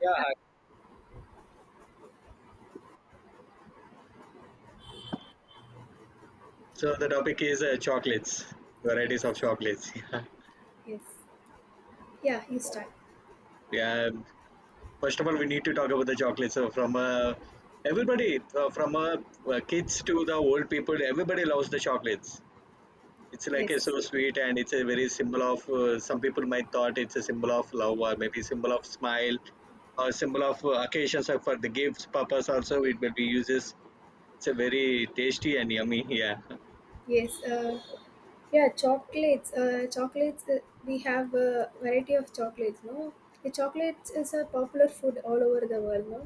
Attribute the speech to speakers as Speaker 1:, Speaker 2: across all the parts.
Speaker 1: Yeah,
Speaker 2: Hi.
Speaker 1: hi. So the topic is chocolates,
Speaker 2: Yes.
Speaker 1: varieties of chocolates.
Speaker 2: Yes. Yeah, you start.
Speaker 1: Yeah. Yeah. First of all, we need to talk about the chocolates. So everybody, from kids to the old people, everybody loves the chocolates. It's like a
Speaker 2: Yes.
Speaker 1: so sweet, and it's a very symbol of. Some people might thought it's a symbol of love, or maybe symbol of smile, or symbol of occasions or for the gifts purpose. Also, it will be uses. It's a very tasty and yummy. Yeah.
Speaker 2: Yes. Yeah, chocolates. Chocolates. We have a variety of chocolates. No, the chocolate is a popular food all over the world. No,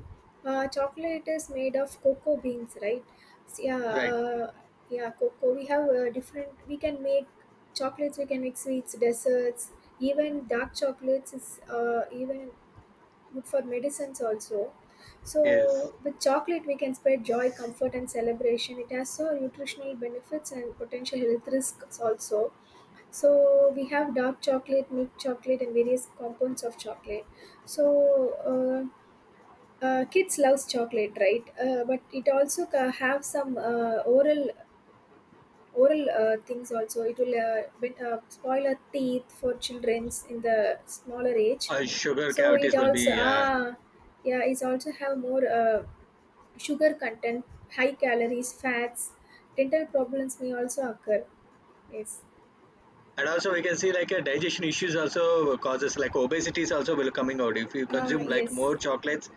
Speaker 2: chocolate is made of cocoa beans, right? So, yeah.
Speaker 1: Right.
Speaker 2: Uh, yeah, cocoa. We have different. We can make chocolates. We can make sweets, desserts. Even dark chocolates is even good for medicines also.
Speaker 1: Yes.
Speaker 2: So with chocolate we can spread joy, comfort and celebration. It has so nutritional benefits and potential health risks also. So we have dark chocolate, milk chocolate and various compounds of chocolate. So kids loves chocolate, right? But it also have some oral things, also it will spoil our teeth for childrens in the smaller age.
Speaker 1: Sugar
Speaker 2: So it
Speaker 1: cavities will
Speaker 2: also,
Speaker 1: be,
Speaker 2: yeah, it also have more sugar content, high calories fats, dental problems may also occur. Yes.
Speaker 1: and also we can see like a digestion issues, also causes like obesity is also will coming out if you
Speaker 2: Ah
Speaker 1: consume like
Speaker 2: yes
Speaker 1: more chocolates.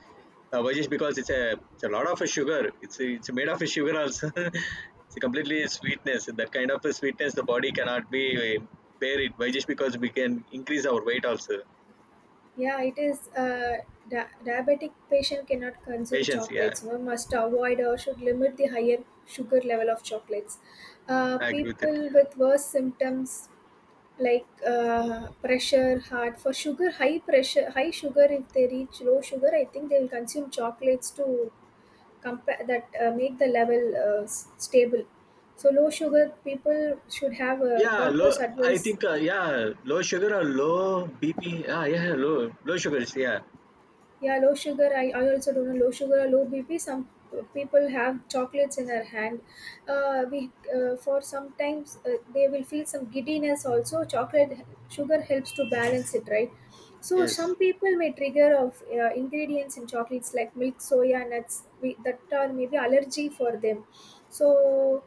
Speaker 1: But just because it's a lot of a sugar, it's made of a sugar also, it's a completely sweetness, that kind of a sweetness the body cannot be, uh, bear it, by just because we can increase our weight also.
Speaker 2: Yeah, it is. uh, Diabetic patient cannot consume
Speaker 1: Patience, yeah.
Speaker 2: chocolates. One must avoid or should limit the higher sugar level of chocolates.
Speaker 1: I agree with it,
Speaker 2: People
Speaker 1: yeah.
Speaker 2: with worse symptoms like pressure hard for sugar, high pressure, high sugar, if they reach low sugar, I think they will consume chocolates to compare that, make the level stable. So low sugar people should have a
Speaker 1: Yeah, low.
Speaker 2: doctor's
Speaker 1: I
Speaker 2: advice.
Speaker 1: think, yeah, low sugar or low BP, ah yeah, low, low sugars, yeah.
Speaker 2: Yeah, low sugar. I also don't know low sugar or low BP. Some people have chocolates in their hand. We for sometimes they will feel some giddiness also. Chocolate sugar helps to balance it, right? So
Speaker 1: Yes.
Speaker 2: some people may trigger of ingredients in chocolates like milk, soya nuts, that are maybe allergy for them. So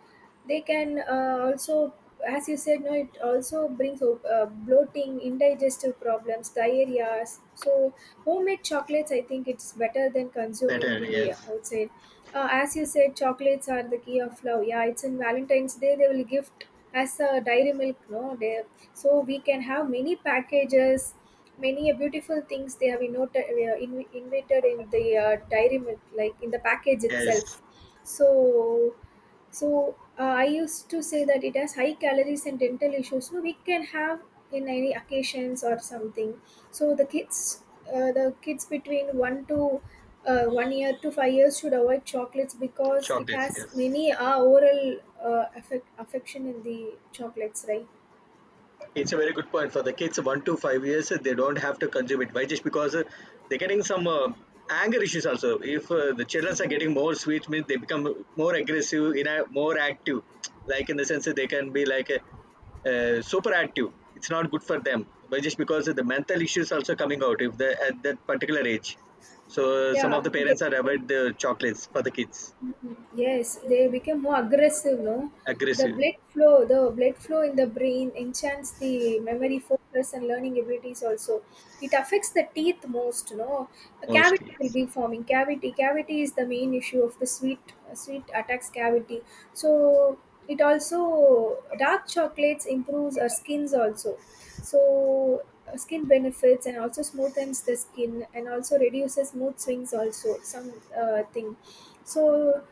Speaker 2: they can also, as you said, no, it also brings up bloating, indigestive problems, diarrhea. So homemade chocolates, I think, it's better than consuming
Speaker 1: Better,
Speaker 2: the
Speaker 1: yes.
Speaker 2: outside. As you said, chocolates are the key of love. Yeah, it's in Valentine's Day they will gift as a Dairy Milk, no, they, so we can have many packages, many beautiful things they have innoted, invited in the Dairy Milk, like in the package
Speaker 1: Yes.
Speaker 2: itself. so so I used to say that it has high calories and dental issues. No, we can have in any occasions or something. So the kids, between 1 year to 5 years should avoid chocolates because it
Speaker 1: Chocolates,
Speaker 2: has
Speaker 1: yes.
Speaker 2: many oral affection in the chocolates, right?
Speaker 1: It's a very good point for the kids 1 to 5 years. They don't have to consume it. Why? Just because, they're getting some anger issues also. If, the children are getting
Speaker 2: Alright.
Speaker 1: more sweets, means they become more aggressive, in a more active. Like in the sense that they can be like a, super active. It's not good for them. But just because of the mental issues also coming out if they at that particular age. So some of
Speaker 2: Yeah,
Speaker 1: the
Speaker 2: they.
Speaker 1: parents are avoid the chocolates for the kids.
Speaker 2: Mhm. Yes, they become more aggressive, no? The
Speaker 1: Aggressive,
Speaker 2: blood flow, in the brain enchants the memory, focus, and learning abilities also. It affects the teeth most, no? A cavity
Speaker 1: mostly.
Speaker 2: will be forming. Cavity is the main issue of the sweet attacks cavity. So it also dark chocolates improves our skins also. So skin benefits and also smoothens the skin and also reduces mood swings also, some thing. So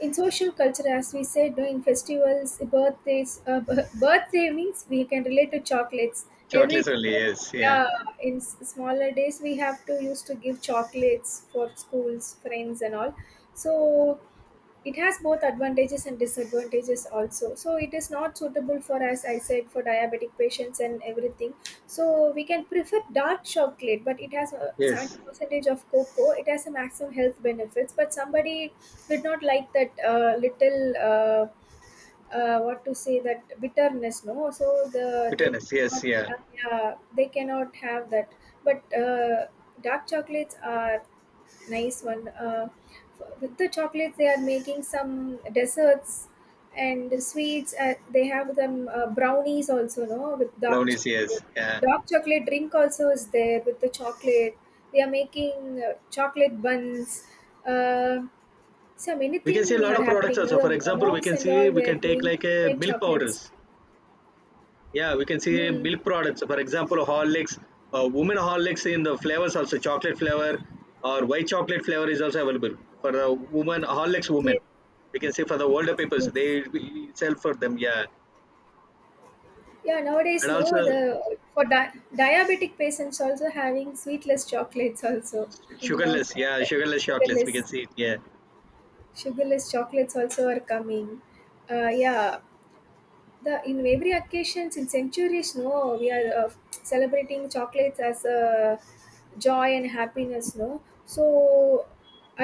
Speaker 2: in social culture, as we said, no, in festivals, birthdays, birthday means we can relate to chocolates
Speaker 1: Chocolates
Speaker 2: every.
Speaker 1: only. Yes. Yeah.
Speaker 2: Yeah, in smaller days we have to used to give chocolates for schools friends and all. So it has both advantages and disadvantages also, so it is not suitable for, as I said, for diabetic patients and everything. So we can prefer dark chocolate, but it has a 70
Speaker 1: Yes.
Speaker 2: percentage of cocoa, it has a maximum health benefits, but somebody did not like that little, what to say, that bitterness, no. So the, they
Speaker 1: Bitterness. Yes.
Speaker 2: cannot,
Speaker 1: Yeah.
Speaker 2: yeah, they cannot have that. But dark chocolates are nice one. With the chocolates, they are making some desserts and sweets. They have them brownies also, no, with dark
Speaker 1: Brownies,
Speaker 2: chocolate.
Speaker 1: yes, yeah.
Speaker 2: Dark chocolate drink also is there with the chocolate. They are making chocolate buns. Uh, so many
Speaker 1: We can see a
Speaker 2: things
Speaker 1: lot
Speaker 2: are
Speaker 1: of products
Speaker 2: happening.
Speaker 1: also,
Speaker 2: No?
Speaker 1: for
Speaker 2: The
Speaker 1: example we
Speaker 2: moms
Speaker 1: can
Speaker 2: and
Speaker 1: see
Speaker 2: all
Speaker 1: we
Speaker 2: were
Speaker 1: can take
Speaker 2: doing
Speaker 1: like a
Speaker 2: homemade
Speaker 1: milk
Speaker 2: chocolates.
Speaker 1: powders. Yeah, we can see
Speaker 2: Mm.
Speaker 1: milk products, for example Horlicks, women Horlicks, in the flavors also chocolate flavor or white chocolate flavor is also available for the woman Horlicks, women.
Speaker 2: Yes.
Speaker 1: We can see for the older people, so they,
Speaker 2: Yes.
Speaker 1: we sell for them, yeah.
Speaker 2: Yeah,
Speaker 1: And
Speaker 2: nowadays, no,
Speaker 1: also
Speaker 2: the for diabetic patients also having sweetless chocolates also in now
Speaker 1: sugarless, yeah,
Speaker 2: trend.
Speaker 1: sugarless chocolates we can
Speaker 2: Sugarless,
Speaker 1: see it, yeah.
Speaker 2: sugarless chocolates also are coming. Yeah, the in every occasions, in centuries, no, we are celebrating chocolates as a joy and happiness, no. So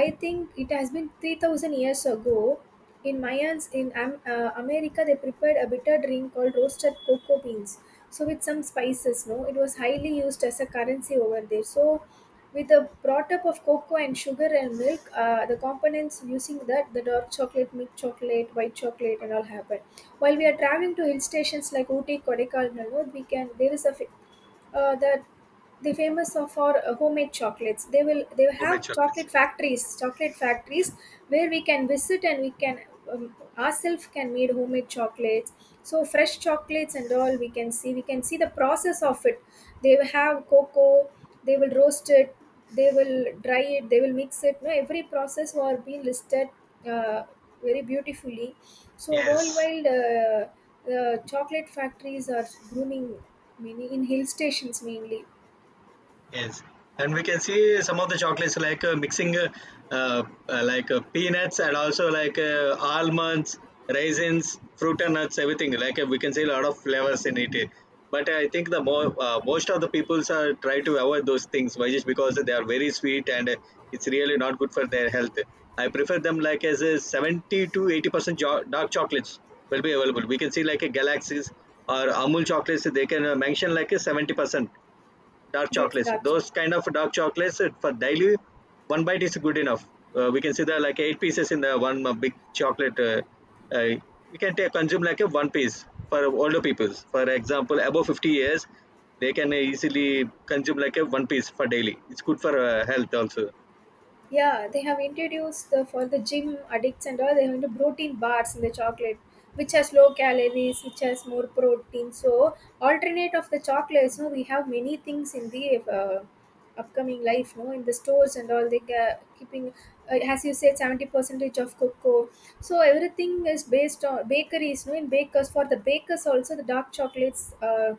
Speaker 2: I think it has been 3,000 years ago in Mayans, in America they prepared a bitter drink called roasted cocoa beans. So with some spices, no, it was highly used as a currency over there. So with the brought up of cocoa and sugar and milk, the components using that, the dark chocolate, milk chocolate, white chocolate, and all happen. While we are traveling to hill stations like Ooty, Kodaikanal, we can there is a fa- that the famous of for homemade chocolates. They
Speaker 1: Homemade
Speaker 2: have
Speaker 1: chocolates,
Speaker 2: chocolate factories where we can visit and we can ourselves can made homemade chocolates. So fresh chocolates and all we can see. We can see the process of it. They have cocoa. They will roast it. They will dry it. They will mix it. No, every process are being listed, uh, very beautifully. So
Speaker 1: yes.
Speaker 2: worldwide, the chocolate factories are grooming, many in hill stations mainly.
Speaker 1: Yes, and we can see some of the chocolates like mixing like peanuts, and also like almonds, raisins, fruit and nuts, everything. Like we can see a lot of flavors in it. But I think the more most of the peoples are try to avoid those things, why just because they are very sweet, and it's really not good for their health. I prefer them like as a 70 to 80% dark chocolates will be available. We can see like a galaxies or Amul chocolates. They can mention like a 70% dark
Speaker 2: Yes.
Speaker 1: chocolates,
Speaker 2: Dark.
Speaker 1: those kind of dark chocolates for daily. One bite is good enough. We can see there are like eight pieces in the one big chocolate uh, we can take consume like a one piece for older people, for example above 50 years, they can easily consume like a one piece for daily, it's good for health also.
Speaker 2: Yeah, they have introduced for the gym addicts and all, they have the protein bars in the chocolate, which has low calories, which has more protein. So, alternate of the chocolates, no, we have many things in the upcoming life, no, in the stores and all, they are keeping, as you said, 70 percentage of cocoa. So everything is based on bakeries, no, in bakers, for the bakers also the dark chocolates uh,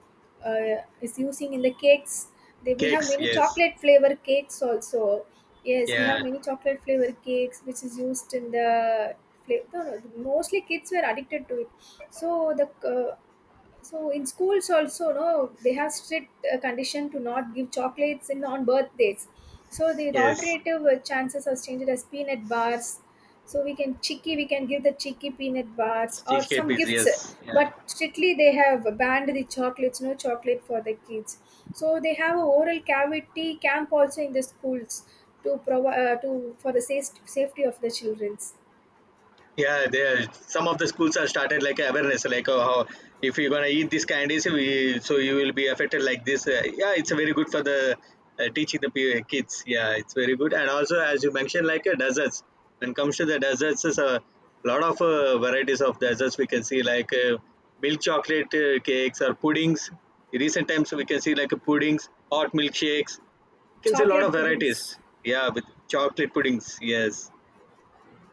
Speaker 2: uh, is using in the cakes. We have
Speaker 1: Cakes,
Speaker 2: many
Speaker 1: yes,
Speaker 2: chocolate flavor cakes also. Yes, we
Speaker 1: yeah.
Speaker 2: have many chocolate flavor cakes which is used in the no, no, mostly kids were addicted to it. So the uh, so in schools also, no, they have strict condition to not give chocolates in on birthdays. So the
Speaker 1: Yes.
Speaker 2: alternative chances are changed as peanut bars. So we can chicky, we can give the chicky peanut bars or
Speaker 1: Cheesecake
Speaker 2: some
Speaker 1: is,
Speaker 2: gifts.
Speaker 1: yes, yeah.
Speaker 2: But strictly they have banned the chocolates, no chocolate for the kids. So they have a oral cavity camp also in the schools to provide to for the safety of the childrens.
Speaker 1: Yeah, there some of the schools are started like awareness, like oh, how if you're gonna eat these candies, we, so you will be affected like this. Yeah, it's very good for the, teaching the kids. Yeah, it's very good. And also, as you mentioned, like desserts. When it comes to the desserts, there's a lot of varieties of desserts we can see, like milk chocolate cakes or puddings. In recent times, we can see like puddings, hot milkshakes. You can see a lot of
Speaker 2: Chocolate
Speaker 1: varieties.
Speaker 2: puddings.
Speaker 1: Yeah, with chocolate puddings. Yes,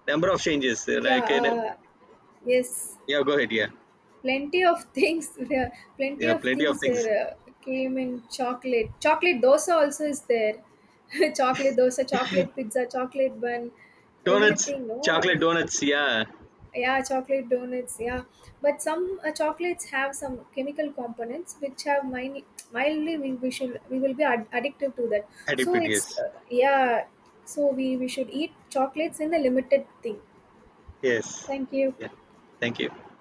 Speaker 1: number of changes uh,
Speaker 2: Yeah.
Speaker 1: like. in
Speaker 2: Yes.
Speaker 1: Yeah, go ahead. Yeah,
Speaker 2: Plenty of things, there. Plenty
Speaker 1: yeah,
Speaker 2: of
Speaker 1: plenty of
Speaker 2: things
Speaker 1: things.
Speaker 2: came in chocolate. Chocolate dosa also is there. Chocolate dosa, chocolate pizza, chocolate bun,
Speaker 1: Donuts,
Speaker 2: everything.
Speaker 1: chocolate
Speaker 2: No,
Speaker 1: donuts. Yeah,
Speaker 2: yeah, chocolate donuts. Yeah, but some chocolates have some chemical components which have mildly, we will be addictive to that.
Speaker 1: had it,
Speaker 2: So it's
Speaker 1: yes,
Speaker 2: yeah. So we should eat chocolates in a limited thing.
Speaker 1: yes.
Speaker 2: Thank you.
Speaker 1: Yeah, thank you.